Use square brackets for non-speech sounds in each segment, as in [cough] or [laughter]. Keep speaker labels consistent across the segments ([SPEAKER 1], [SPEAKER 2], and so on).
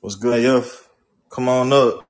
[SPEAKER 1] What's good, Yuff? Come on up.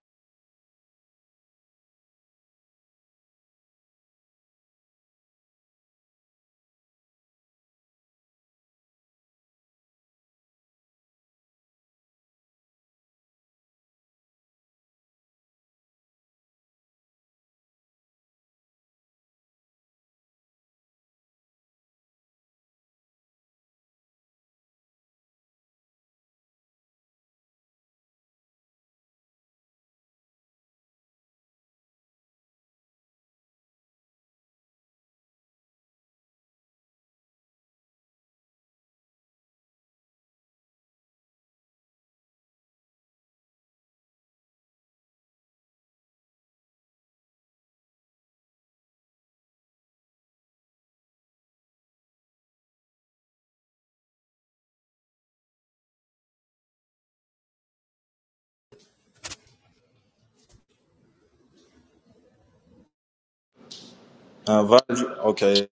[SPEAKER 1] I invited you. Okay.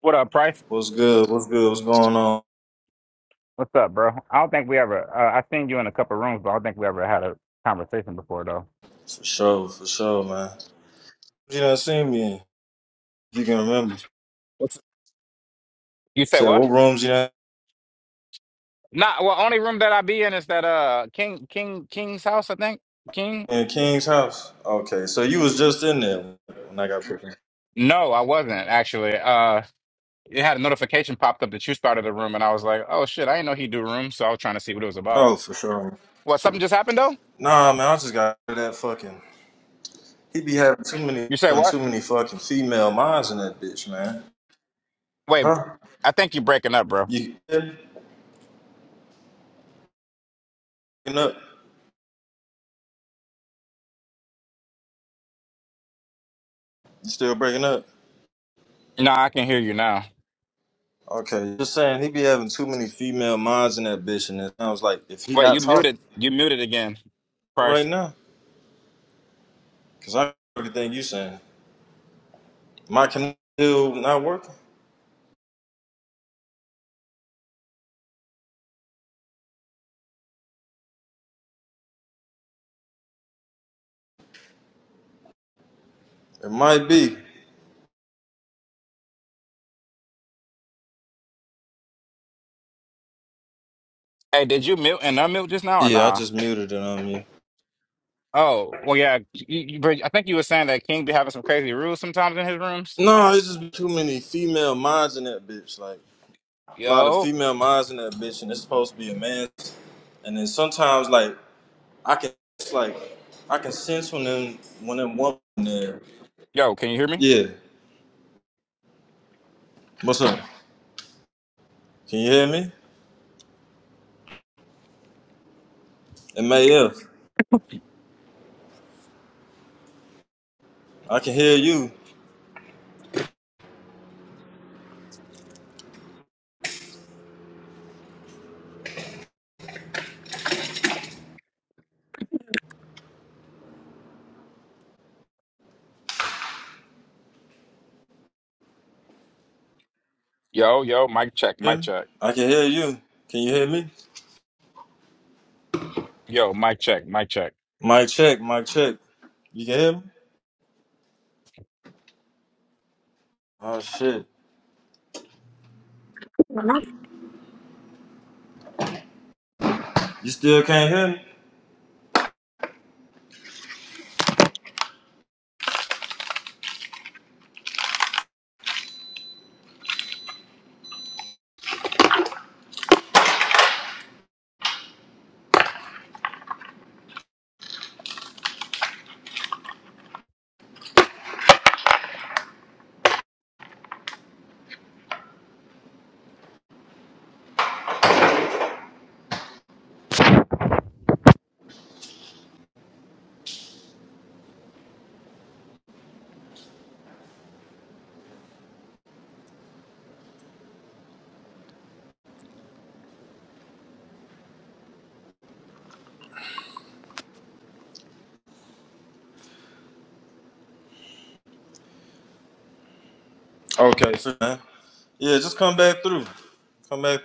[SPEAKER 2] What up, Price?
[SPEAKER 1] What's good? What's good? What's going on?
[SPEAKER 2] What's up, bro? I don't think we ever. Uh, I've seen you in a couple rooms, but I don't think we ever had a conversation before, though.
[SPEAKER 1] For sure, for sure, man. You done seen me in? You can remember.
[SPEAKER 2] What's you say?
[SPEAKER 1] Said
[SPEAKER 2] What?
[SPEAKER 1] what rooms you done
[SPEAKER 2] Nah. Well, only room that I be in is that uh King King King's house, I think. King?
[SPEAKER 1] in King's house? Okay, so you was just in there when I got picked. up.
[SPEAKER 2] No, I wasn't actually. Uh, it had a notification popped up that you started a room, and I was like, oh shit, I didn't know he do rooms, so I was trying to see what it was about.
[SPEAKER 1] Oh, for sure.
[SPEAKER 2] What? Something just happened though?
[SPEAKER 1] Nah, man, I just got that fucking. He be having too many,
[SPEAKER 2] You say
[SPEAKER 1] having
[SPEAKER 2] what?
[SPEAKER 1] too many fucking female minds in that bitch, man.
[SPEAKER 2] Wait,
[SPEAKER 1] Huh?
[SPEAKER 2] I think you breaking up, bro.
[SPEAKER 1] You you up? You still breaking up?
[SPEAKER 2] No, I can hear you now.
[SPEAKER 1] Okay, just saying he be having too many female minds in that bitch, and it sounds like if he
[SPEAKER 2] Wait, you
[SPEAKER 1] not talking
[SPEAKER 2] muted. You muted again, Price.
[SPEAKER 1] right now, cause I heard everything you saying, my can still not working. It might be.
[SPEAKER 2] Hey, did you mute and unmute just now or
[SPEAKER 1] Yeah, I
[SPEAKER 2] nah?
[SPEAKER 1] just muted it on you.
[SPEAKER 2] Oh, well, yeah. You, you, but I think you were saying that King be having some crazy rules sometimes in his rooms.
[SPEAKER 1] No, it's just too many female minds in that bitch. Like a lot of
[SPEAKER 2] Yo,
[SPEAKER 1] female minds in that bitch, and it's supposed to be a man. And then sometimes like I can it's like I can sense when them when them woman there.
[SPEAKER 2] yo, can you hear me?
[SPEAKER 1] Yeah. What's up? Can you hear me? M A F. I can hear you.
[SPEAKER 2] Yo, yo, mic check, mic
[SPEAKER 1] Yeah,
[SPEAKER 2] check.
[SPEAKER 1] I can hear you. Can you hear me?
[SPEAKER 2] Yo, mic check, mic check.
[SPEAKER 1] Mic check, mic check. You can hear me? Oh shit. You still can't hear me? Okay, so man. Yeah, just come back through. Come back.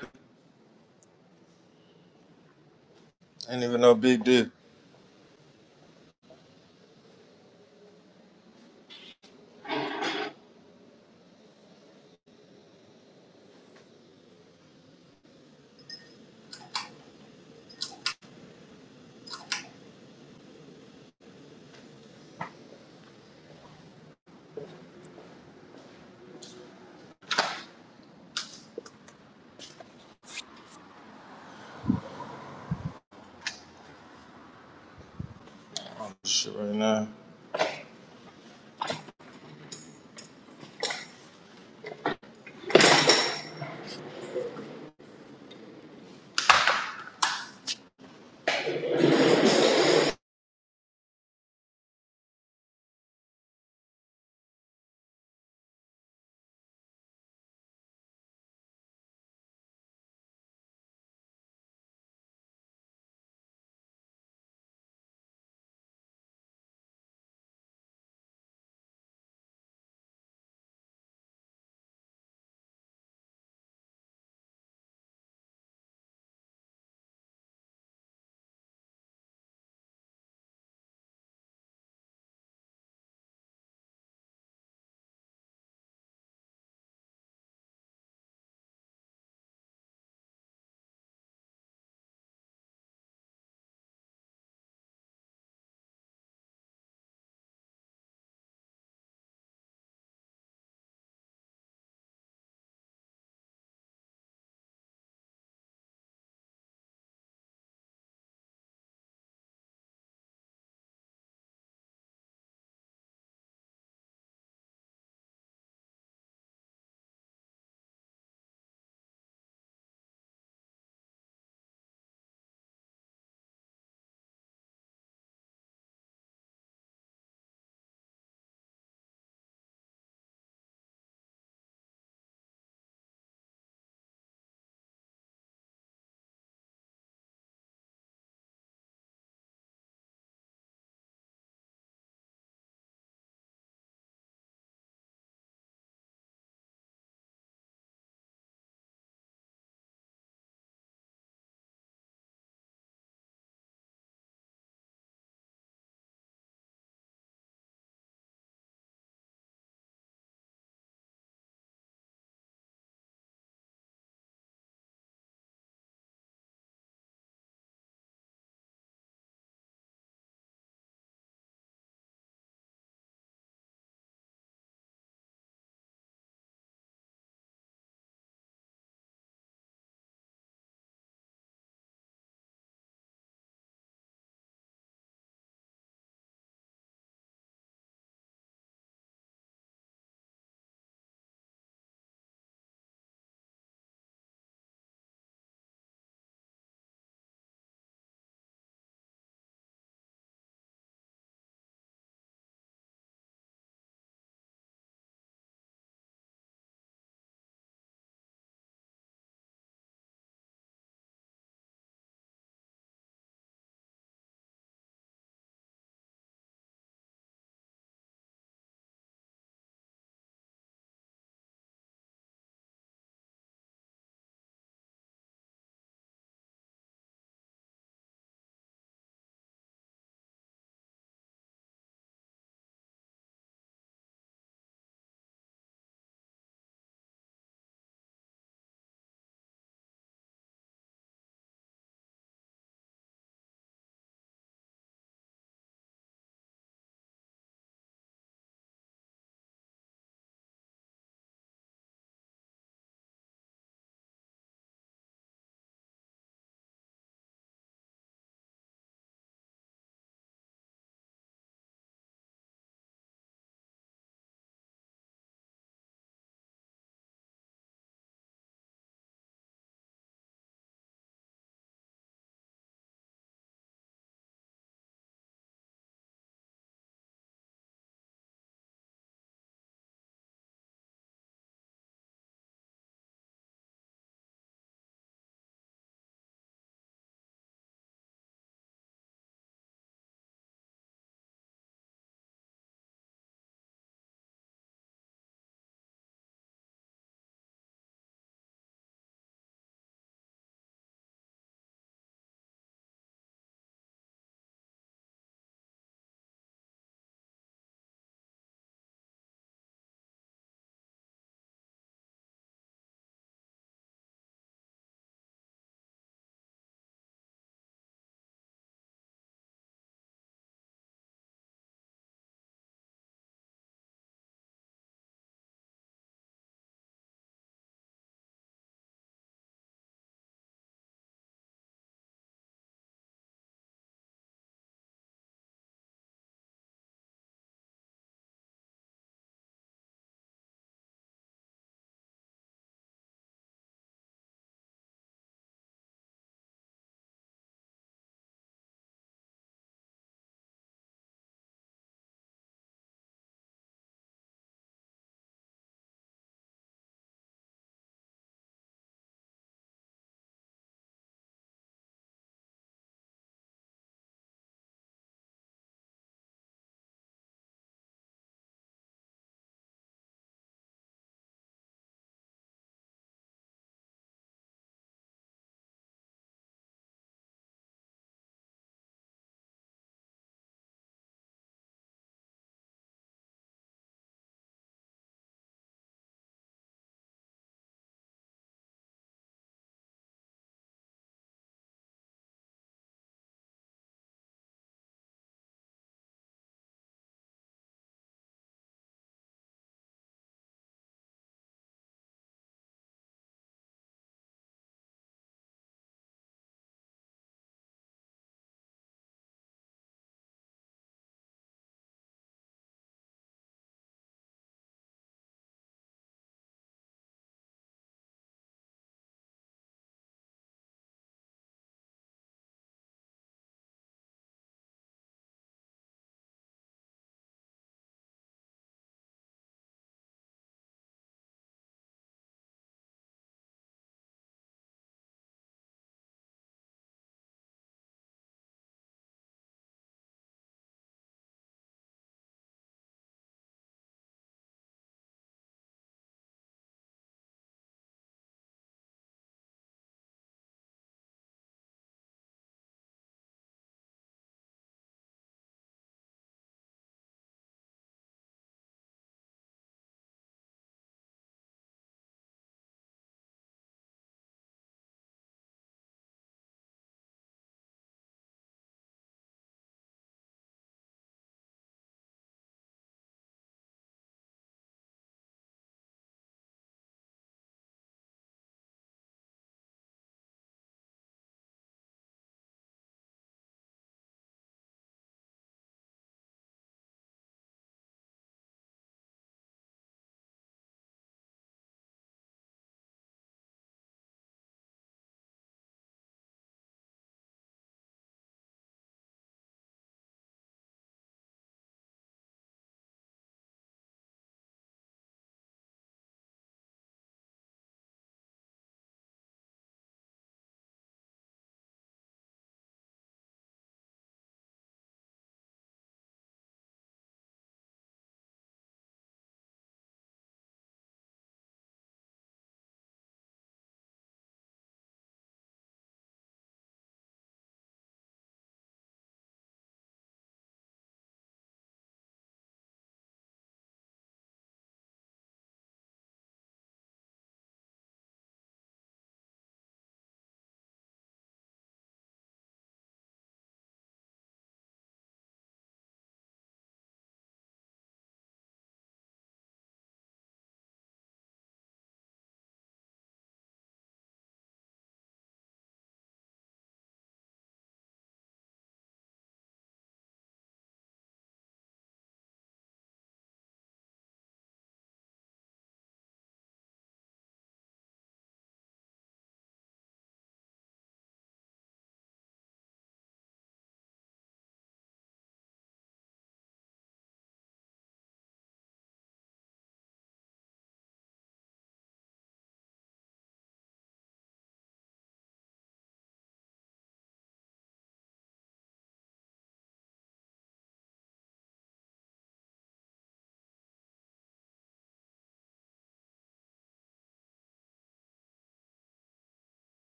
[SPEAKER 1] Ain't even no big deal. Shit right now.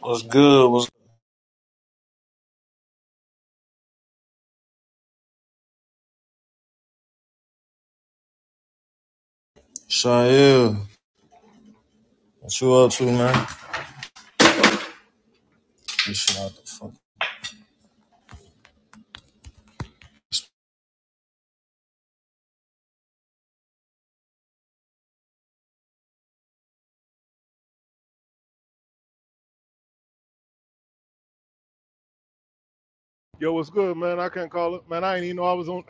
[SPEAKER 1] What's good? What's Shail? What you up to, man? You shit out the fuck.
[SPEAKER 3] Yo, what's good, man? I can't call it, man. I ain't even know I was on.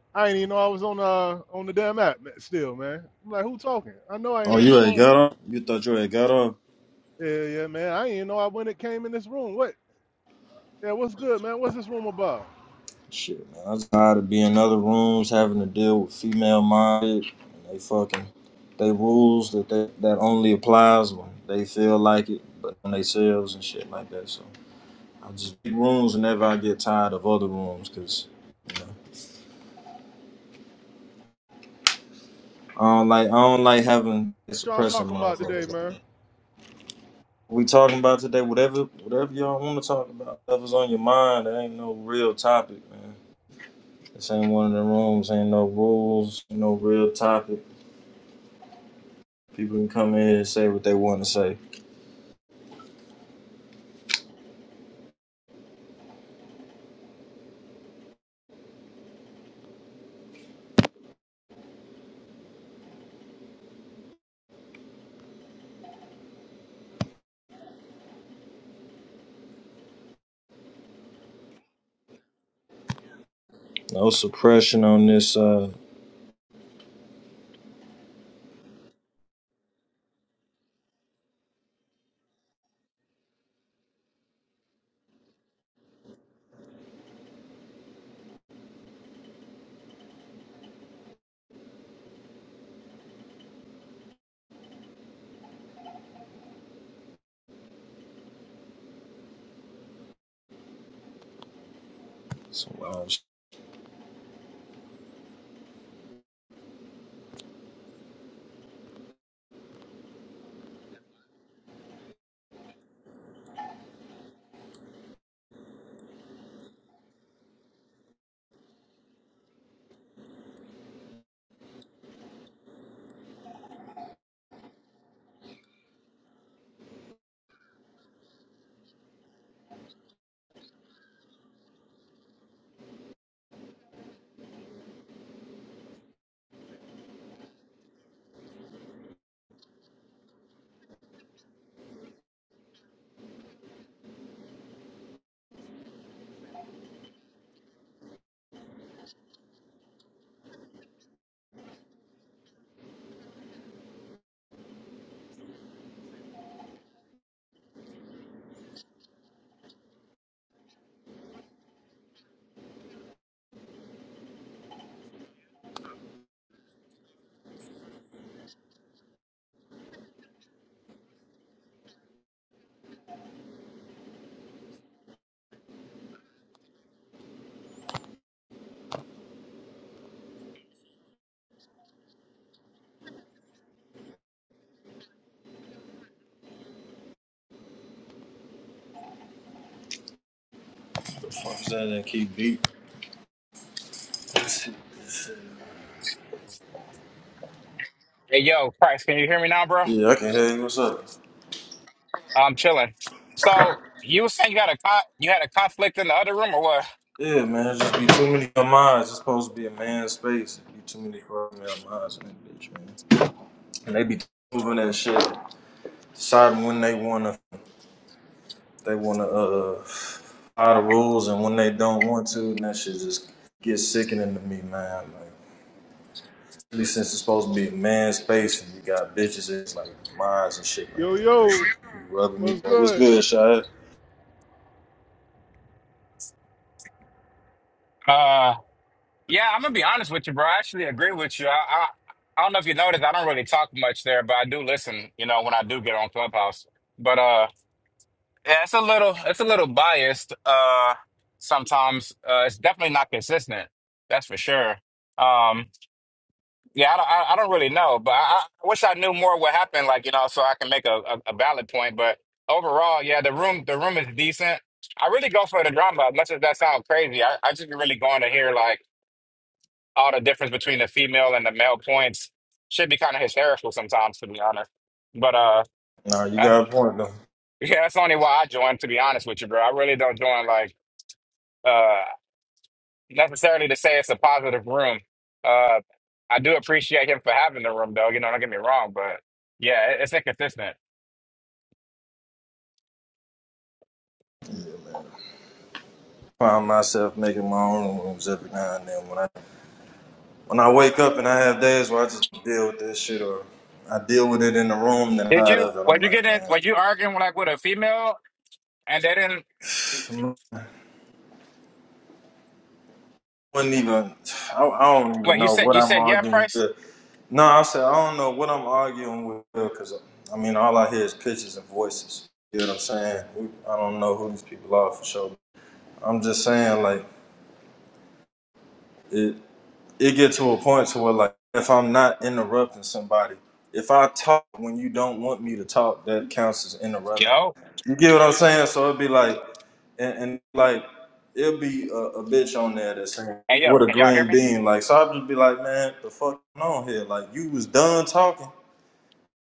[SPEAKER 3] [laughs] I ain't even know I was on uh on the damn app man, still, man. I'm like, who talking? I know I ain't
[SPEAKER 1] Oh,
[SPEAKER 3] on the
[SPEAKER 1] you ain't
[SPEAKER 3] phone.
[SPEAKER 1] got up? You thought you ain't got up?
[SPEAKER 3] Yeah, yeah, man. I ain't even know I when it came in this room. What? Yeah, what's good, man? What's this room about?
[SPEAKER 1] Shit, man. I'm tired of being in other rooms having to deal with female minded and they fucking they rules that they, that only applies when they feel like it, but on themselves and shit like that. So I just be rooms whenever I get tired of other rooms because you know I don't like I don't like having
[SPEAKER 3] What y'all
[SPEAKER 1] suppressing
[SPEAKER 3] talking about today,
[SPEAKER 1] motherfuckers like
[SPEAKER 3] man?
[SPEAKER 1] that. We talking about today, whatever whatever y'all want to talk about, whatever's on your mind, there ain't no real topic, man. This ain't one of the rooms, ain't no rules, ain't no real topic. People can come in here and say what they want to say. No suppression on this. Uh, so, uh, the fuck is that? That keep beat. [laughs]
[SPEAKER 2] Hey, yo, Christ, can you hear me now, bro?
[SPEAKER 1] Yeah, I can hear you. What's up?
[SPEAKER 2] I'm chilling. So you were saying you had a co- you had a conflict in the other room or what?
[SPEAKER 1] Yeah, man. Just be too many of minds. It's supposed to be a man's space. Be too many fucking male minds in that bitch, man. And they be moving that shit, deciding when they wanna, they wanna uh, follow the rules, and when they don't want to, and that shit just gets sickening to me, man. Like, Especially since it's supposed to be man space and you got bitches and it's like mines and shit
[SPEAKER 3] Yo,
[SPEAKER 1] like that. That shit
[SPEAKER 3] yo,
[SPEAKER 1] be rubbing me.
[SPEAKER 3] what's
[SPEAKER 1] Like, what's
[SPEAKER 3] good?
[SPEAKER 1] good, Shad?
[SPEAKER 2] Uh, yeah, I'm gonna be honest with you, bro. I actually agree with you. I, I, I don't know if you noticed, I don't really talk much there, but I do listen. You know, when I do get on Clubhouse, but uh. Yeah, it's a little it's a little biased. Uh, sometimes uh, it's definitely not consistent. That's for sure. Um, yeah, I don't I, I don't really know, but I, I wish I knew more what happened. Like you know, so I can make a, a, a valid point. But overall, yeah, the room the room is decent. I really go for the drama, as much as that sounds crazy. I, I just be really going to hear like all the difference between the female and the male points. Should be kind of hysterical sometimes, to be honest. But uh,
[SPEAKER 1] Nah, you
[SPEAKER 2] that,
[SPEAKER 1] got a point though.
[SPEAKER 2] [laughs] yeah, that's only why I joined. To be honest with you, bro, I really don't join like uh, necessarily to say it's a positive room. Uh, I do appreciate him for having the room, though. You know, don't get me wrong, but yeah, it, it's inconsistent.
[SPEAKER 1] Find myself making my own rooms every now and then. When I when I wake up and I have days where I just deal with this shit or I deal with it in the room, then
[SPEAKER 2] Did
[SPEAKER 1] out
[SPEAKER 2] you?
[SPEAKER 1] of it,
[SPEAKER 2] Were
[SPEAKER 1] I'm
[SPEAKER 2] you
[SPEAKER 1] like,
[SPEAKER 2] getting? Were
[SPEAKER 1] man,
[SPEAKER 2] you arguing like with a female, and they didn't?
[SPEAKER 1] I wouldn't even. I, I don't even
[SPEAKER 2] What you
[SPEAKER 1] know
[SPEAKER 2] said?
[SPEAKER 1] what
[SPEAKER 2] You
[SPEAKER 1] I'm
[SPEAKER 2] said yeah,
[SPEAKER 1] arguing.
[SPEAKER 2] Price.
[SPEAKER 1] with. No, I said I don't know what I'm arguing with because I mean all I hear is pictures and voices. You know what I'm saying? We- I don't know who these people are for sure. I'm just saying like it it get to a point to where like if I'm not interrupting somebody, if I talk when you don't want me to talk, that counts as interrupting.
[SPEAKER 2] Yo,
[SPEAKER 1] You get what I'm saying? So it'd be like and, and like it'll be a, a bitch on there that's saying
[SPEAKER 2] hey
[SPEAKER 1] what
[SPEAKER 2] yo,
[SPEAKER 1] a
[SPEAKER 2] can y'all hear
[SPEAKER 1] green
[SPEAKER 2] me?
[SPEAKER 1] bean like. So I'd just be like, man, the fuck on here? Like you was done talking.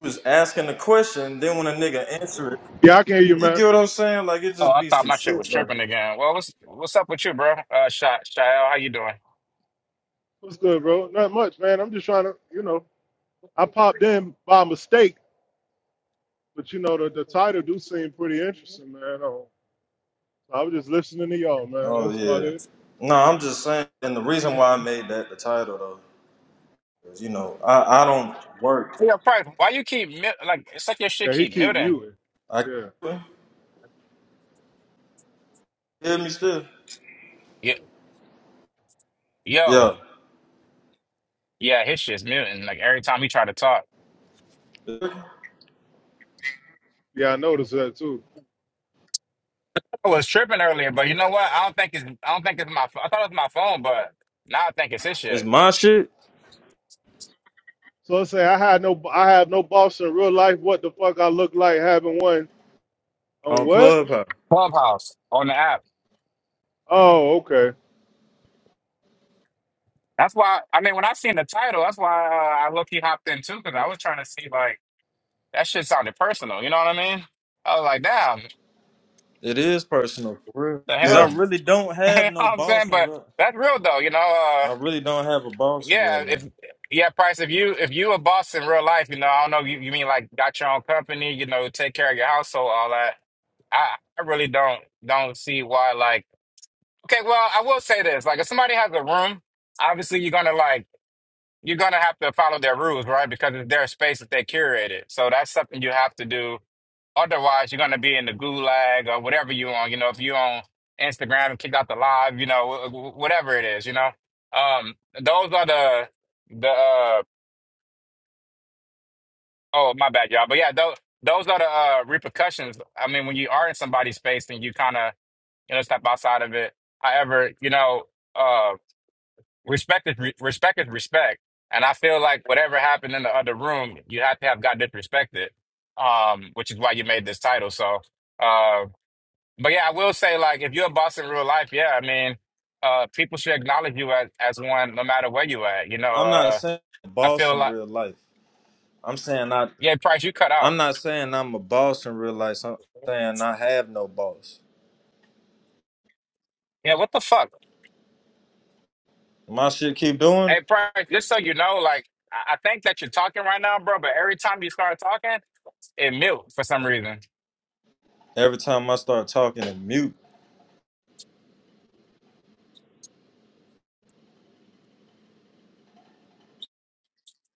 [SPEAKER 1] was asking the question, then when a nigga answer it,
[SPEAKER 3] Yeah, I can hear you,
[SPEAKER 1] you get
[SPEAKER 3] man.
[SPEAKER 1] what I'm saying? Like it
[SPEAKER 2] Oh,
[SPEAKER 1] just
[SPEAKER 2] I
[SPEAKER 1] be
[SPEAKER 2] thought
[SPEAKER 1] some
[SPEAKER 2] my shit was
[SPEAKER 1] shit. Like,
[SPEAKER 2] tripping again. Well, what's what's up with you, bro? Uh, Sha Shael, how you doing?
[SPEAKER 3] What's good, bro? Not much, man. I'm just trying to, you know, I popped in by mistake, but you know the, the title do seem pretty interesting, man. Oh, I was just listening to y'all, man.
[SPEAKER 1] oh
[SPEAKER 3] That's about
[SPEAKER 1] yeah.
[SPEAKER 3] it.
[SPEAKER 1] No, I'm just saying, and the reason why I made that the title though, is you know I I don't work.
[SPEAKER 2] Yeah, Price. Why you keep mute? Like it's like your shit
[SPEAKER 3] Yeah, he
[SPEAKER 2] keep
[SPEAKER 3] keep
[SPEAKER 2] muting.
[SPEAKER 3] muting.
[SPEAKER 1] I
[SPEAKER 3] Yeah.
[SPEAKER 1] you hear me still.
[SPEAKER 2] Yo, yo,
[SPEAKER 1] Yeah,
[SPEAKER 2] yeah, his shit's muting. Like every time he try to talk.
[SPEAKER 3] Yeah, I noticed that too.
[SPEAKER 2] I was tripping earlier, but you know what? I don't think it's I don't think it's my pho- I thought it was my phone, but now I think it's this
[SPEAKER 1] it's
[SPEAKER 2] shit.
[SPEAKER 1] my shit
[SPEAKER 3] So let's say I had no, I have no boss in real life. What the fuck I look like having one on
[SPEAKER 1] on
[SPEAKER 3] what?
[SPEAKER 1] Clubhouse.
[SPEAKER 2] Clubhouse on the app.
[SPEAKER 3] Oh, okay.
[SPEAKER 2] That's why I mean when I seen the title, that's why uh, I low key hopped in too, because I was trying to see like that shit sounded personal, you know what I mean? I was like, damn,
[SPEAKER 1] It is personal for real.
[SPEAKER 2] the
[SPEAKER 1] Cause I
[SPEAKER 3] Yeah,
[SPEAKER 2] hell? [laughs]
[SPEAKER 1] really don't
[SPEAKER 2] you
[SPEAKER 1] have
[SPEAKER 2] know
[SPEAKER 1] no
[SPEAKER 2] what I'm saying?
[SPEAKER 1] boss in
[SPEAKER 2] But
[SPEAKER 1] real.
[SPEAKER 2] that's real though, you know, uh
[SPEAKER 1] I really don't have a boss in real
[SPEAKER 2] yeah, if
[SPEAKER 1] life.
[SPEAKER 2] yeah, Price, if you if you a boss in real life, you know, I don't know, you, you mean like got your own company, you know, take care of your household, all that. I, I really don't don't see why like Okay, well, I will say this. Like, if somebody has a room, obviously you're gonna like you're gonna have to follow their rules, right? Because it's their space that they curated. So that's something you have to do. Otherwise, you're gonna be in the gulag or whatever you on. You know, if you on Instagram and kick out the live, you know, wh- wh- whatever it is, you know. Um, those are the the uh, oh my bad, y'all. But yeah, those those are the uh, repercussions. I mean, when you are in somebody's space and you kind of you know step outside of it. However, you know. uh, respect is re- respect is respect, and I feel like whatever happened in the other room, you have to have got disrespected, um, which is why you made this title. So, uh, but yeah, I will say like if you're a boss in real life, yeah, I mean, uh, people should acknowledge you as as one, no matter where you at. You know,
[SPEAKER 1] I'm not
[SPEAKER 2] uh,
[SPEAKER 1] saying
[SPEAKER 2] I
[SPEAKER 1] boss
[SPEAKER 2] feel
[SPEAKER 1] in
[SPEAKER 2] like
[SPEAKER 1] real life. I'm saying I.
[SPEAKER 2] yeah, Price, you cut
[SPEAKER 1] I'm
[SPEAKER 2] out.
[SPEAKER 1] not saying I'm a boss in real life. I'm saying I have no boss.
[SPEAKER 2] Yeah, what the fuck,
[SPEAKER 1] My shit keep doing
[SPEAKER 2] hey
[SPEAKER 1] it.
[SPEAKER 2] Price, just so you know, like I, I think that you're talking right now, bro, but every time you start talking, it mute for some reason.
[SPEAKER 1] every time I start talking it mute.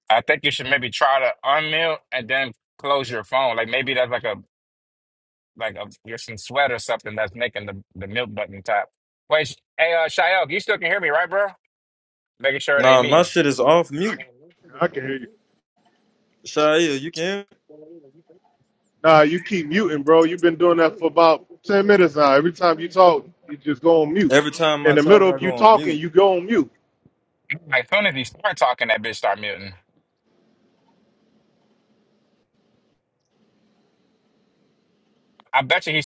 [SPEAKER 2] I think you should maybe try to unmute and then close your phone. Like maybe that's like a like a you're some sweat or something that's making the, the mute button tap. Wait, sh- hey uh Shael, you still can hear me, right, bro? Making sure it ain't
[SPEAKER 1] Nah,
[SPEAKER 2] me.
[SPEAKER 1] my shit is off mute.
[SPEAKER 3] I can hear you.
[SPEAKER 1] Shia, you can hear me?
[SPEAKER 3] Nah, you keep muting, bro. You've been doing that for about ten minutes now. Every time you talk, you just go on mute.
[SPEAKER 1] Every time
[SPEAKER 3] In
[SPEAKER 1] I
[SPEAKER 3] the
[SPEAKER 1] talk,
[SPEAKER 3] middle
[SPEAKER 1] I
[SPEAKER 3] of
[SPEAKER 1] go
[SPEAKER 3] you
[SPEAKER 1] on
[SPEAKER 3] talking,
[SPEAKER 1] mute.
[SPEAKER 3] you go on mute.
[SPEAKER 2] Like soon as he start talking, that bitch start muting. I bet you he